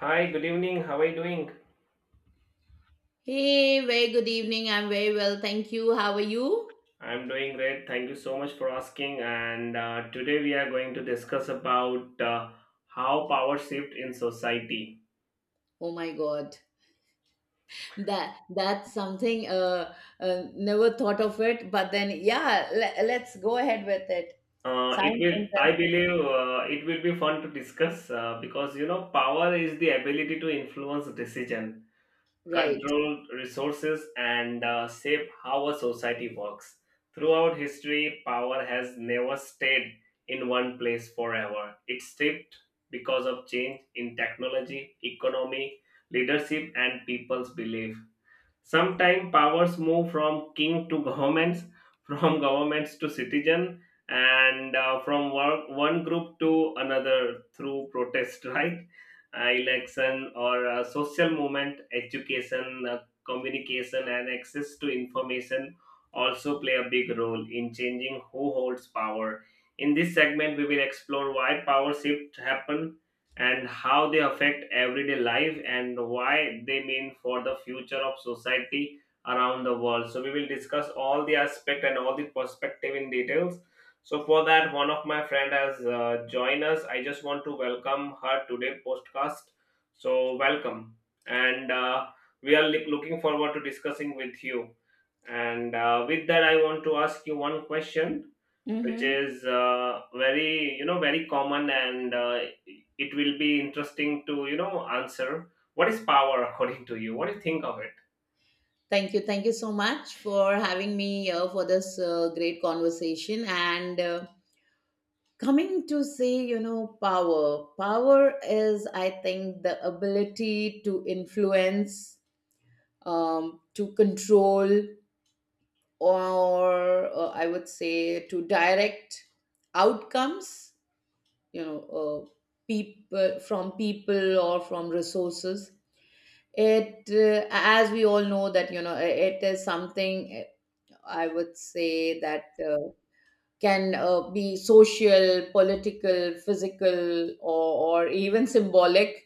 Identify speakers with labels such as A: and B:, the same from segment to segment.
A: Hi, good evening. How are you doing?
B: Hey, very good evening. I'm very well, thank you. How are you?
A: I'm doing great. Thank you so much for asking. And today we are going to discuss about how power shift in society.
B: Oh my God, that's something. Never thought of it, but then yeah, let's go ahead with it.
A: It
B: Sounds
A: will, I
B: interesting,
A: believe, it will be fun to discuss because you know power is the ability to influence decision
B: right?
A: control resources, and shape how a society works. Throughout history, power has never stayed in one place forever. It shifted because of change in technology, economy, leadership, and people's belief. Sometimes powers move from king to governments, from governments to citizen, and from one group to another through protest, right? Election or social movement, education, communication, and access to information also play a big role in changing who holds power. In this segment, we will explore why power shift happen and how they affect everyday life and why they mean for the future of society around the world. So we will discuss all the aspect and all the perspective in details. So for that, one of my friend has joined us. I just want to welcome her today podcast. So welcome, and we are looking forward to discussing with you. And with that, I want to ask you one question, which
B: Mm-hmm.
A: is very, you know, very common, and it will be interesting to, you know, answer. What is power? According to you, what do you think of it?
B: Thank you so much for having me here for this great conversation. And coming to say, you know, power. Power is, I think, the ability to influence, to control or I would say to direct outcomes, you know, people from people or from resources. It, as we all know, that you know, it is something I would say that can be social, political, physical, or even symbolic.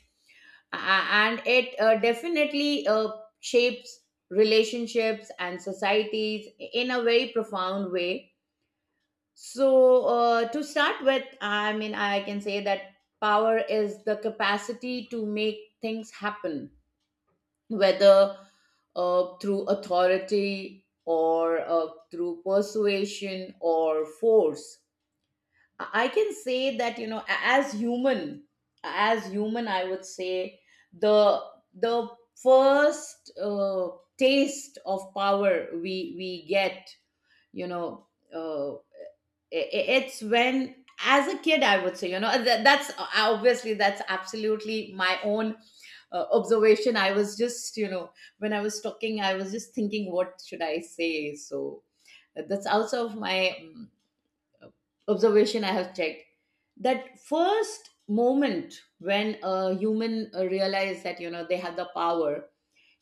B: And it definitely shapes relationships and societies in a very profound way. So, to start with, I mean, I can say that power is the capacity to make things happen, whether through authority or through persuasion or force. I can say that, you know, as human, I would say the the first taste of power we get, you know, uh, it's when as a kid I would say, you know, that, that's obviously that's absolutely my own observation. I was just, you know, when I was talking I was just thinking what should I say. So that's also of my observation I have checked, that first moment when a human realize that, you know, they have the power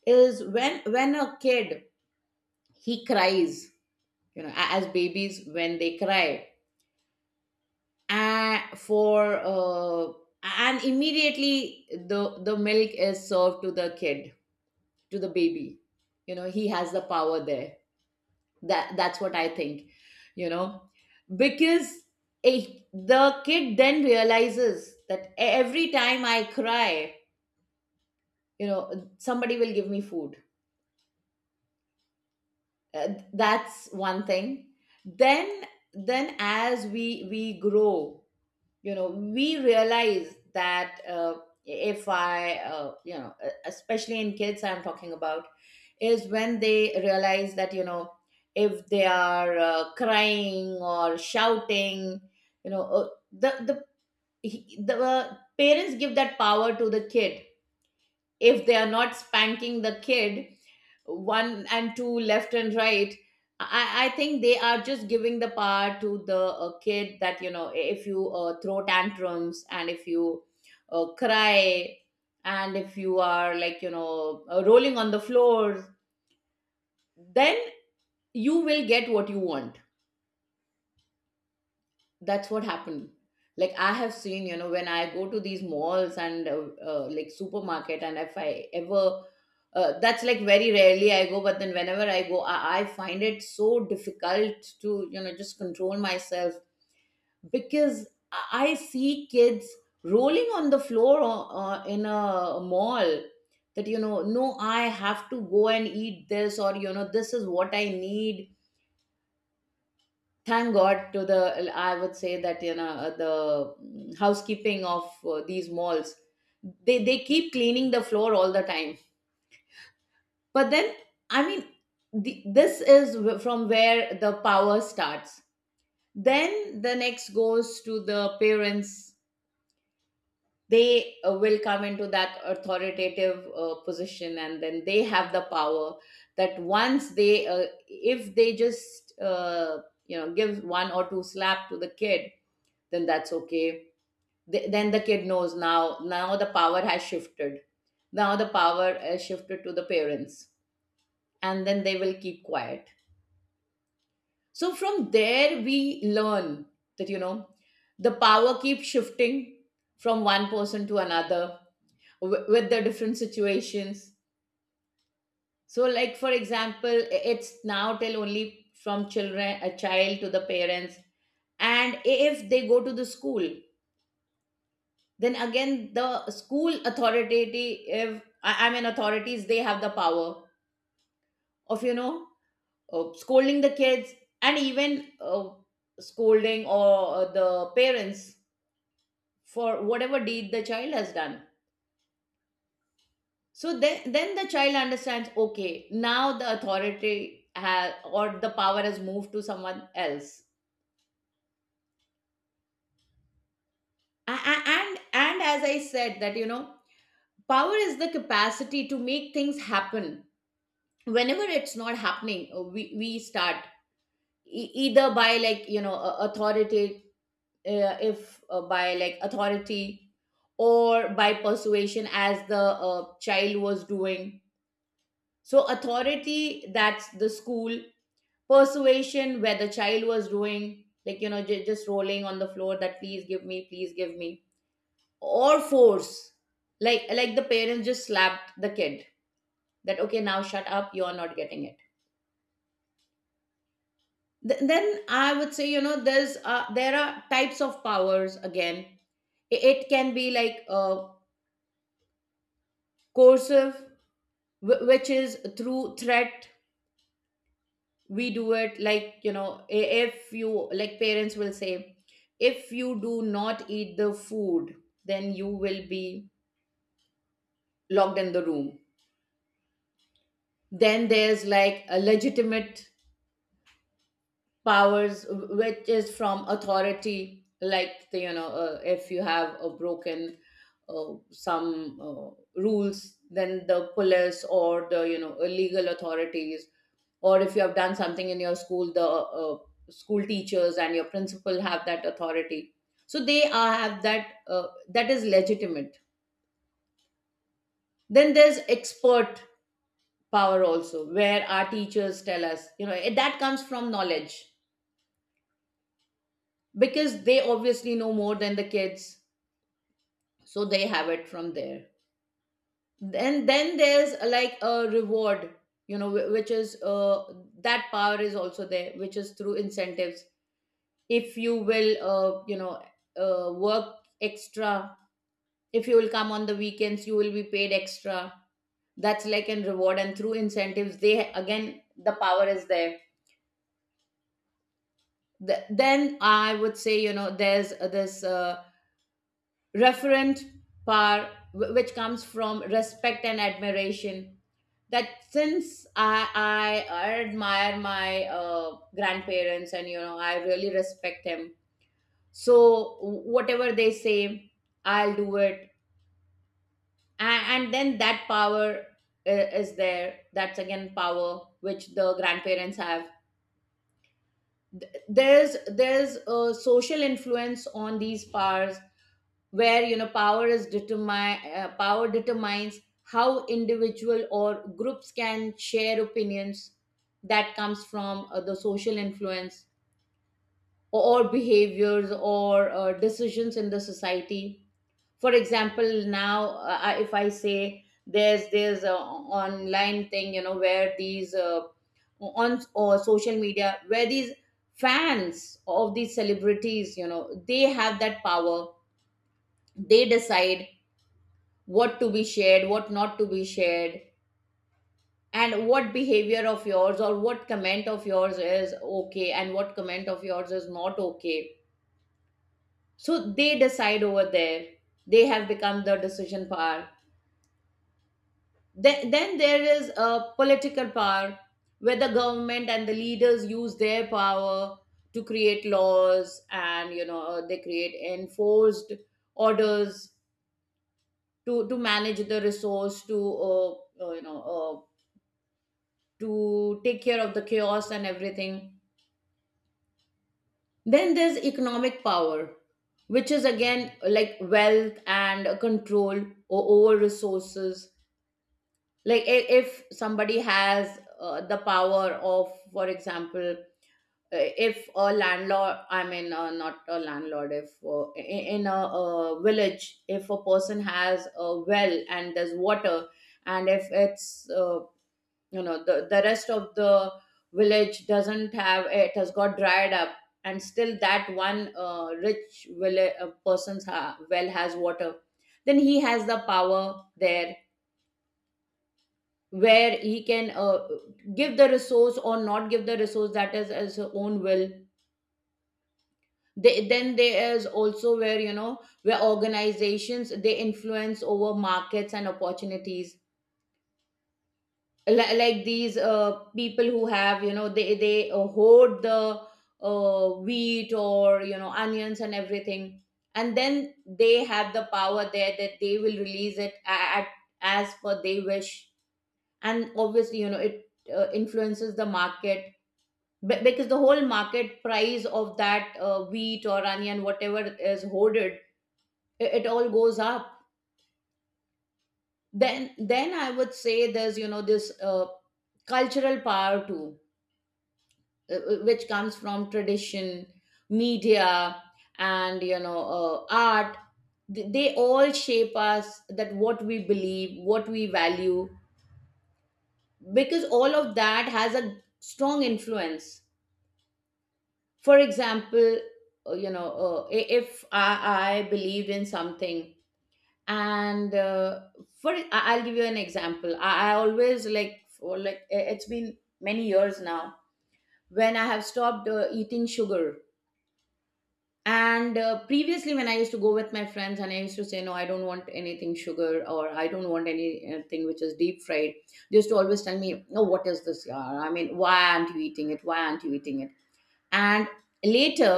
B: is when a kid, he cries. You know, as babies when they cry, and for and immediately the milk is served to the kid, to the baby, you know, he has the power there. That's what I think, you know, because a, the kid then realizes that every time I cry, you know, somebody will give me food. That's one thing. then then as we grow, you know, we realize that if I you know, especially in kids I'm talking about, is when they realize that, you know, if they are crying or shouting, you know, the parents give that power to the kid. If they are not spanking the kid one and two left and right, I think they are just giving the power to the kid, that you know, if you throw tantrums and if you cry, and if you are like, you know, rolling on the floor, then you will get what you want. That's what happened. Like, I have seen, you know, when I go to these malls and like supermarket, and if I ever that's like very rarely I go, but then whenever I go, I find it so difficult to, you know, just control myself, because I see kids rolling on the floor in a mall, that you know, no, I have to go and eat this, or you know, this is what I need. Thank God to the, I would say that, you know, the housekeeping of these malls, they keep cleaning the floor all the time. But then, I mean, the, this is from where the power starts. Then the next goes to the parents. They will come into that authoritative position, and then they have the power, that once they if they just you know, give one or two slap to the kid, then that's okay. Then the kid knows, now the power has shifted. Now the power has shifted to the parents, and then they will keep quiet. So from there we learn that, you know, the power keeps shifting from one person to another with the different situations. So like for example, it's now till only from children, a child, to the parents. And if they go to the school, then again the school authority, if I mean authorities, they have the power of, you know, scolding the kids, and even uh, scolding or the parents for whatever deed the child has done. So then the child understands, okay, now the authority has, or the power has moved to someone else. And as I said, that, you know, power is the capacity to make things happen. Whenever it's not happening, we start e- either by, like, you know, authority, if by like authority, or by persuasion as the child was doing. So authority, that's the school. Persuasion, where the child was doing, like, you know, just rolling on the floor, that please give me, please give me. Or force, like, the parents just slapped the kid, that okay, now shut up, you're not getting it. Then I would say, you know, there's there are types of powers again. It can be like coercive, which is through threat. We do it, like, you know, if you, like parents will say, if you do not eat the food then you will be locked in the room. Then there's like a legitimate powers which is from authority, like the, you know, if you have a broken some rules, then the police, or the, you know, legal authorities, or if you have done something in your school, the school teachers and your principal have that authority, so they are have that that is legitimate. Then there's expert power also, where our teachers tell us, you know, it, that comes from knowledge, because they obviously know more than the kids, so they have it from there. Then there's like a reward, you know, which is that power is also there, which is through incentives. If you will you know, work extra, if you will come on the weekends you will be paid extra, that's like in reward and through incentives, they again the power is there. Then I would say, you know, there's this referent power which comes from respect and admiration. That since I admire my grandparents, and you know, I really respect him, so whatever they say, I'll do it. And then that power is there, that's again power which the grandparents have. There's a social influence on these powers, where you know, power is determine, power determines how individual or groups can share opinions, that comes from the social influence, or behaviors, or decisions in the society. For example, now, if I say, there's a online thing, you know, where these on or social media, where these fans of these celebrities, you know, they have that power. They decide what to be shared, what not to be shared, and what behavior of yours or what comment of yours is okay, and what comment of yours is not okay. So they decide over there, they have become the decision power. Then there is a political power, where the government and the leaders use their power to create laws, and you know, they create enforced orders, to manage the resource, to you know, to take care of the chaos and everything. Then there's economic power, which is again like wealth and control o- over resources. Like, if somebody has the power of, for example, if a landlord, I mean not a landlord, if in a, uh, village if a person has a well and there's water, and if it's you know, the rest of the village doesn't have, it has got dried up, and still that one rich village, person's well has water, then he has the power there, where he can give the resource or not give the resource, that is as his own will. They, then there is also where, you know, where organizations they influence over markets and opportunities. Like these people who have, you know, they hoard the wheat, or you know, onions and everything, and then they have the power there, that they will release it at, as per they wish. And obviously, you know, it influences the market. Because the whole market price of that wheat or onion, whatever is hoarded, it all goes up. Then I would say, there's, you know, this cultural power too, which comes from tradition, media, and you know, art. They all shape us, that what we believe, what we value, because all of that has a strong influence. For example, you know, I- if I, I believed in something, and I'll give you an example. I always like for it's been many years now when I have stopped eating sugar. And previously when I used to go with my friends and I used to say no, I don't want anything sugar or I don't want anything which is deep fried, they used to always tell me, no, what is this yaar? I mean, why aren't you eating it, why aren't you eating it? And later,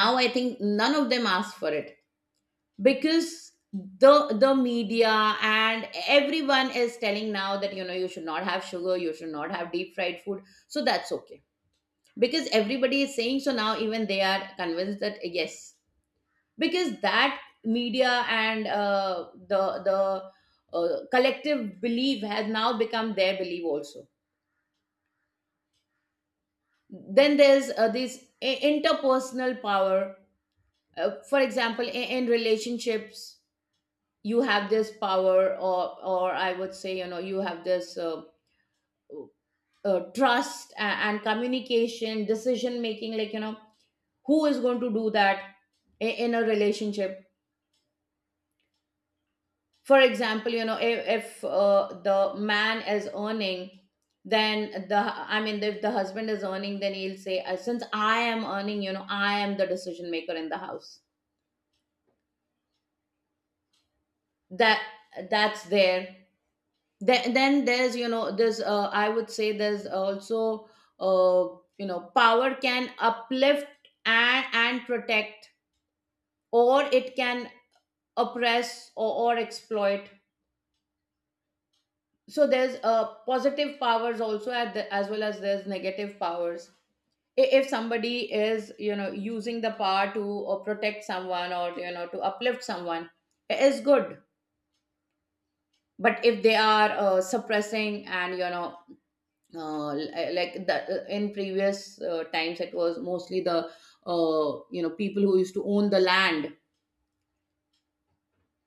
B: now I think none of them ask for it, because the media and everyone is telling now that you know you should not have sugar, you should not have deep fried food. So that's okay, because everybody is saying so now even they are convinced that yes, because that media and the collective belief has now become their belief also. Then there's this interpersonal power. For example, in relationships you have this power, or I would say, you know, you have this trust, and communication, decision making, like, you know, who is going to do that in a relationship. For example, you know, if the man is earning, then the, I mean, if the husband is earning, then he'll say, Since I am earning, you know, I am the decision maker in the house." That, that's there. Then there's, you know, there's I would say there's also uh, you know, power can uplift and protect, or it can oppress, or exploit. So there's positive powers also at the, as well as there's negative powers. If somebody is, you know, using the power to protect someone, or you know, to uplift someone, it is good. But if they are suppressing, and you know, like that, in previous times, it was mostly the you know, people who used to own the land,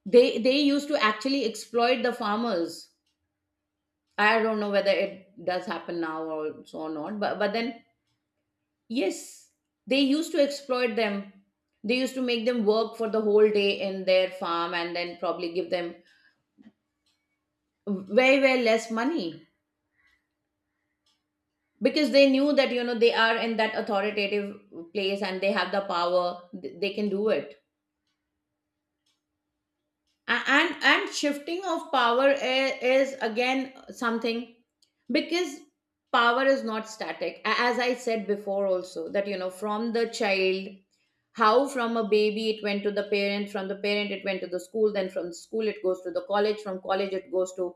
B: they used to actually exploit the farmers. I don't know whether it does happen now or so or not, but but then yes, they used to exploit them. They used to make them work for the whole day in their farm, and then probably give them very very less money, because they knew that, you know, they are in that authoritative place and they have the power, they can do it. And shifting of power is again something, because power is not static. As I said before also, that you know, from the child, how, from a baby it went to the parent, from the parent it went to the school, then from school it goes to the college, from college it goes to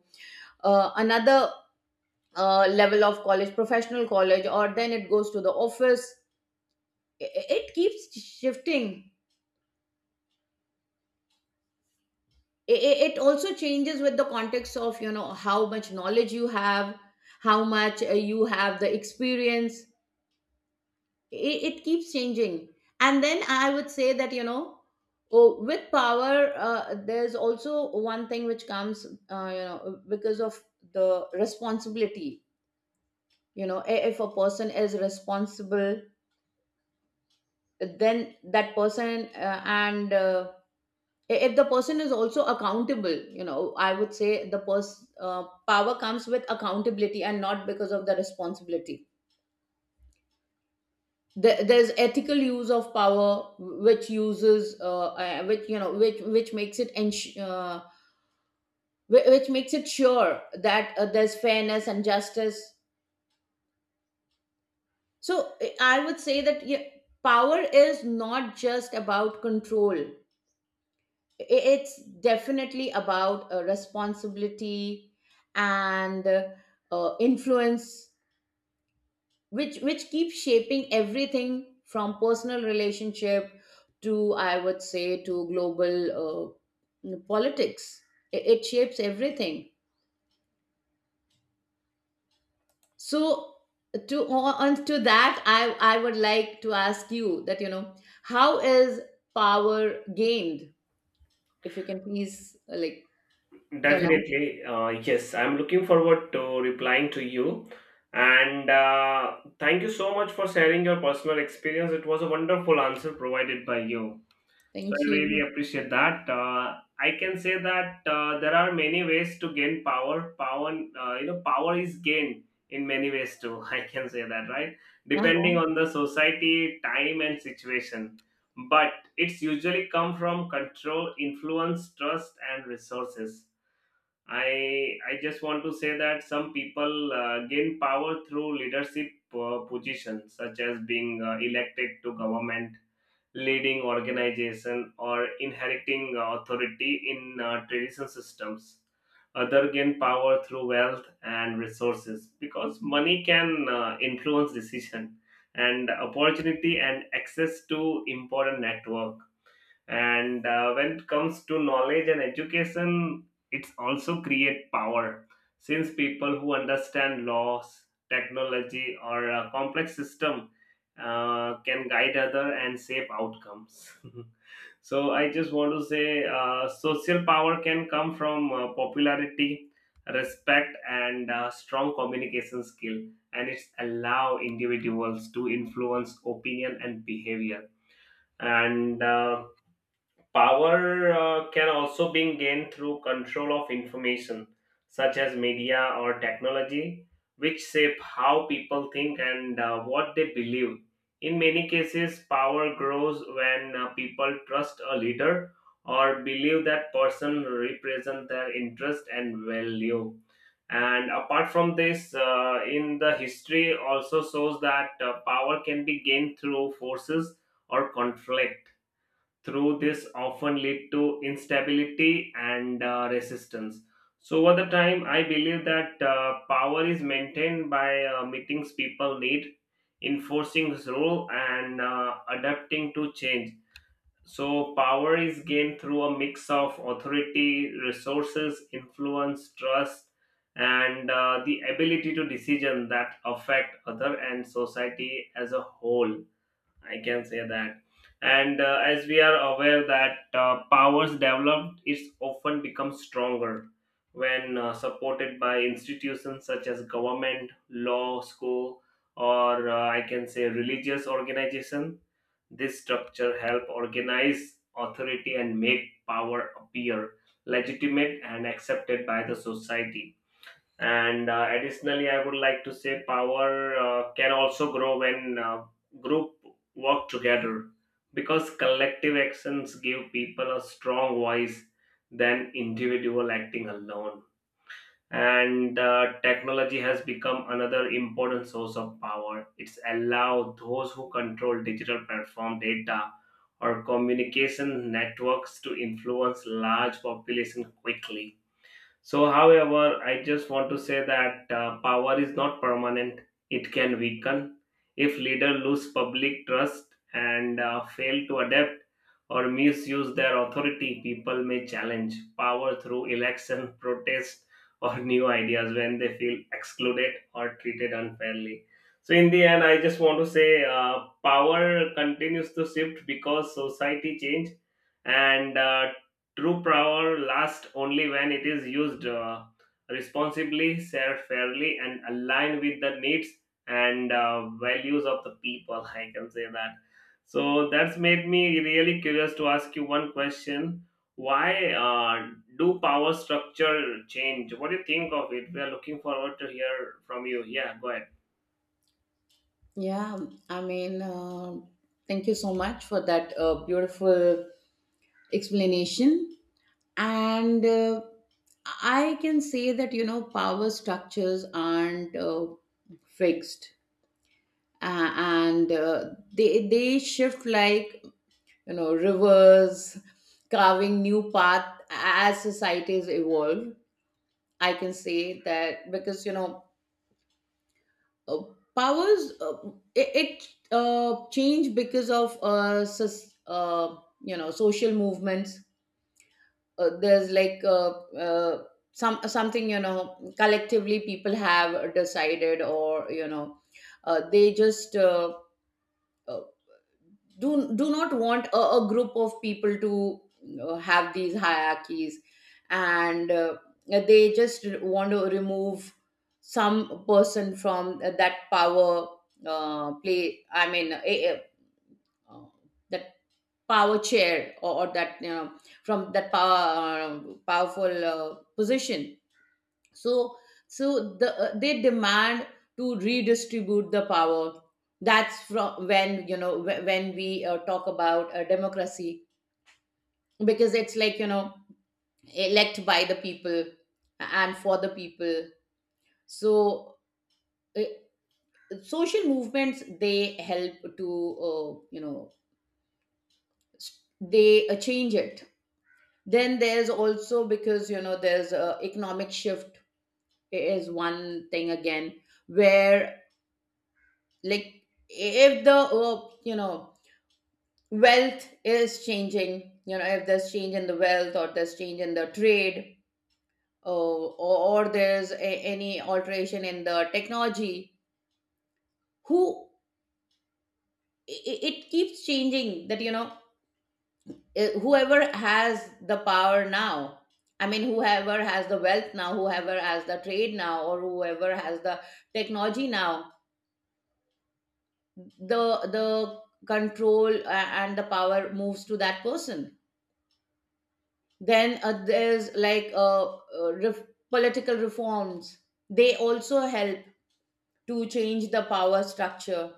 B: another level of college, professional college, or then it goes to the office. It keeps shifting. It also changes with the context of, you know, how much knowledge you have, how much you have the experience. it, it keeps changing. And then I would say that, you know, oh, with power there's also one thing which comes you know, because of the responsibility. You know, if a person is responsible, then that person and if the person is also accountable, you know, I would say the power comes with accountability, and not because of the responsibility. There's ethical use of power, which uses which, you know, which makes it which makes it sure that there's fairness and justice. So I would say that, yeah, power is not just about control, it's definitely about a responsibility, and influence, which keeps shaping everything from personal relationship to, I would say, to global politics. It shapes everything. So to, on to that, I would like to ask you that, you know, how is power gained? If you can please like tell us.
A: Definitely, yes, I'm looking forward to replying to you. And thank you so much for sharing your personal experience. It was a wonderful answer provided by you. So I
B: Thank
A: really
B: you.
A: appreciate that. I can say that there are many ways to gain power. Power, you know, power is gained in many ways too. I can say that, right? Depending on the society, time, and situation. But it's usually come from control, influence, trust, and resources. I just want to say that some people gain power through leadership positions, such as being elected to government, leading organization, or inheriting authority in traditional systems. Other gain power through wealth and resources, because money can influence decision and opportunity and access to important network. And when it comes to knowledge and education, it's also create power, since people who understand laws, technology, or a complex system can guide other and shape outcomes. So I just want to say social power can come from popularity, respect, and strong communication skill, and it's allow individuals to influence opinion and behavior. And power can also be gained through control of information, such as media or technology, which shape how people think and what they believe. In many cases, power grows when people trust a leader or believe that person represents their interest and value. And apart from this, in the history also shows that power can be gained through forces or conflict, through this often lead to instability and resistance. So, over the time, I believe that power is maintained by meetings people need, enforcing its rule, and adapting to change. So, power is gained through a mix of authority, resources, influence, trust, and the ability to decision that affect other and society as a whole, I can say that. And as we are aware that powers developed is often become stronger when supported by institutions such as government, law, school, or I can say religious organization. This structure help organize authority and make power appear legitimate and accepted by the society. And additionally, I would like to say power can also grow when group work together, because collective actions give people a strong voice than individual acting alone. And technology has become another important source of power. It's allowed those who control digital platform data or communication networks to influence large population quickly. So, however, I just want to say that power is not permanent, it can weaken. If leader lose public trust and fail to adapt or misuse their authority, people may challenge power through election, protest, or new ideas when they feel excluded or treated unfairly. So, in the end, I just want to say power continues to shift because society change. And true power lasts only when it is used responsibly, shared fairly, and aligned with the needs and values of the people. I can say that. So that's made me really curious to ask you one question. Why do power structure change? What do you think of it? We are looking forward to hear from you. Yeah, go ahead.
B: Yeah, I mean, thank you so much for that beautiful explanation. And I can say that, you know, power structures aren't fixed, and they shift like, you know, rivers carving new path as societies evolve. I can say that because, you know, uh, powers it changed because of you know, social movements. There's like uh, some something you know, collectively people have decided, or you know, they just uh, do not want a group of people to have these hierarchies, and they just want to remove some person from that power uh, play, I mean uh, that power chair, or that, you know, from that power, powerful position. So the they demand to redistribute the power. That's from when, you know, when we talk about democracy, because it's like, you know, elect by the people and for the people. So uh, social movements, they help to you know, they change it. Then there's also, because you know, there's a economic shift is one thing again, where, like, if the you know, wealth is changing, you know, if there's change in the wealth, or there's change in the trade, or there's a, any alteration in the technology, who, it keeps changing that, you know, eh, whoever has the power now, I mean whoever has the wealth now, whoever has the trade now, or whoever has the technology now, the control, and the power moves to that person. Then there's like political reforms, they also help to change the power structure,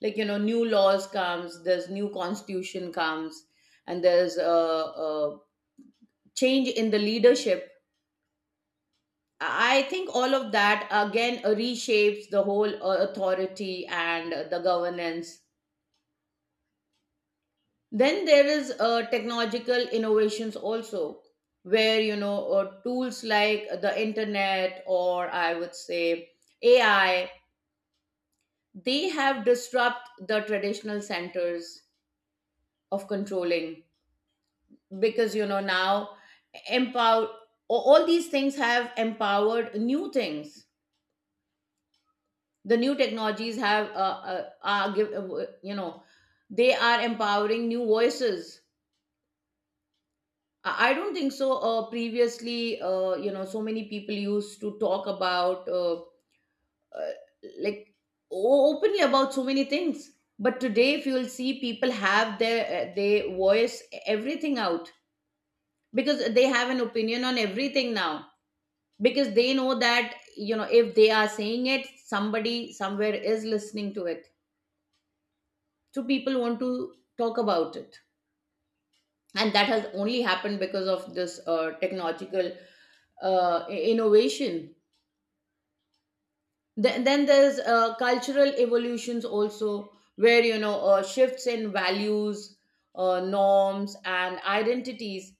B: like you know, new laws comes, there's new constitution comes, and there's a change in the leadership. I think all of that again reshapes the whole authority and the governance. Then there is technological innovations also, where you know, tools like the internet, or I would say AI, they have disrupt the traditional centers of controlling, because you know, now empower, all these things have empowered new things. The new technologies have you know, they are empowering new voices. I don't think so. Previously, you know, so many people used to talk about uh, like openly about so many things. But today, if you will see, people have their they voice everything out, because they have an opinion on everything now. Because they know that, you know, if they are saying it, somebody somewhere is listening to it. So people want to talk about it, and that has only happened because of this technological innovation. Then, there's cultural evolutions also, where you know, shifts in values, norms, and identities.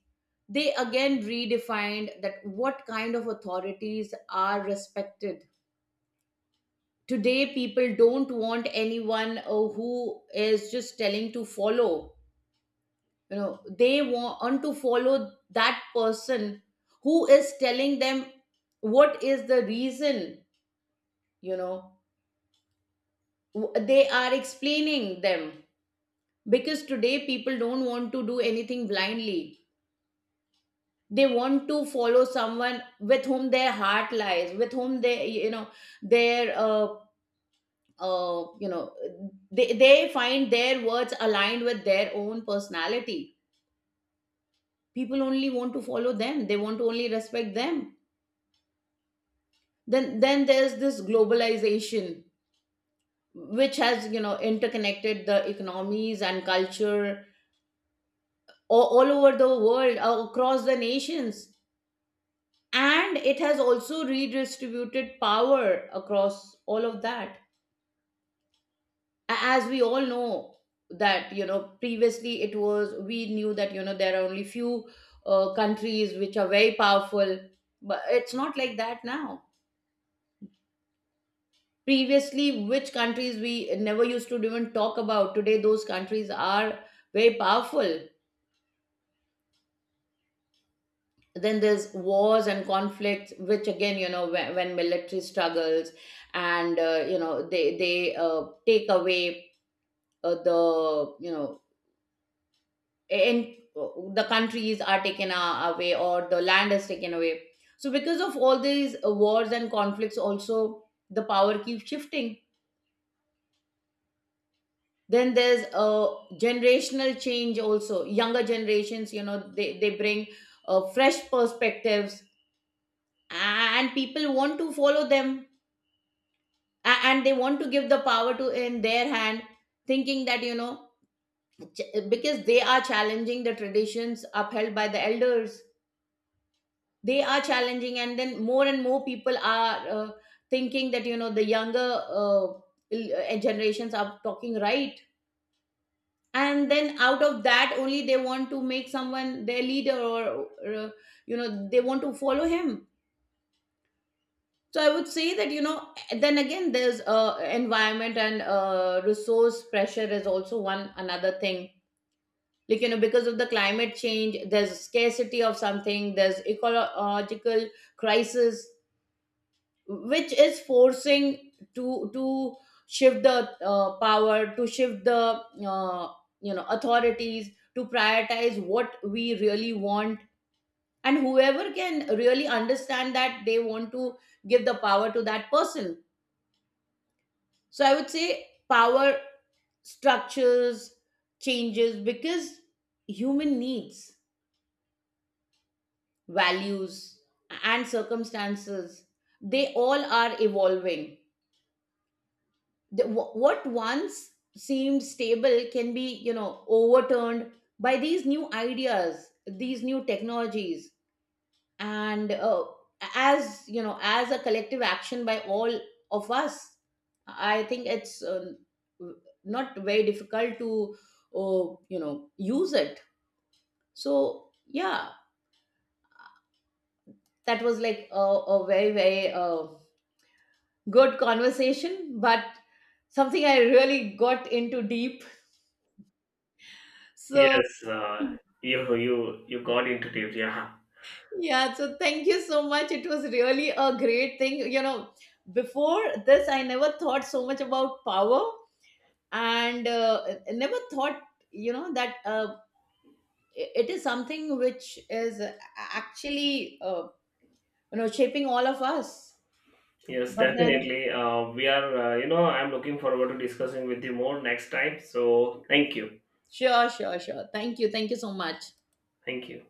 B: They again redefined that what kind of authorities are respected. Today, people don't want anyone who is just telling to follow. You know, they want to follow that person who is telling them what is the reason. You know, they are explaining them, because today people don't want to do anything blindly. They want to follow someone with whom their heart lies, with whom they, you know, their you know, they find their words aligned with their own personality. People only want to follow them, they want to only respect them. Then there's this globalization, which has, you know, interconnected the economies and culture all over the world, across the nations, and it has also redistributed power across all of that. As we all know that, you know, previously it was, we knew that, you know, there are only few countries which are very powerful, but it's not like that now. Previously which countries we never used to even talk about, today those countries are very powerful. Then there's wars and conflicts, which again, you know, when military struggles, and you know, they take away the, you know, and the countries are taken away, or the land is taken away. So because of all these wars and conflicts also, the power keeps shifting. Then there's a generational change also. Younger generations, you know, they bring fresh perspectives, and people want to follow them, and they want to give the power to in their hand, thinking that, you know, because they are challenging the traditions upheld by the elders. They are challenging, and then more and more people are thinking that, you know, the younger generations are talking right, and then out of that only they want to make someone their leader, or you know, they want to follow him. So I would say that, you know, then again there's environment and resource pressure is also one another thing, like you know, because of the climate change, there's scarcity of something, there's ecological crisis, which is forcing to shift the power, to shift the uh, you know, authorities to prioritize what we really want, and whoever can really understand that, they want to give the power to that person. So I would say power structures changes because human needs, values, and circumstances, they all are evolving. The, what once seemed stable can be, you know, overturned by these new ideas, these new technologies, and as you know, as a collective action by all of us, I think it's not very difficult to you know, use it. So yeah, that was like a very good conversation, but something I really got into deep. So
A: Yes, you you got into it. Yeah.
B: yeah, so thank you so much. It was really a great thing. You know, before this, I never thought so much about power, and I never thought, you know, that it is something which is actually, you know, shaping all of us.
A: Yes,
B: But then,
A: definitely. We are, you know, I'm looking forward to discussing with you more next time. So, thank you.
B: sure, sure, sure. Thank you. Thank you so much.
A: Thank you.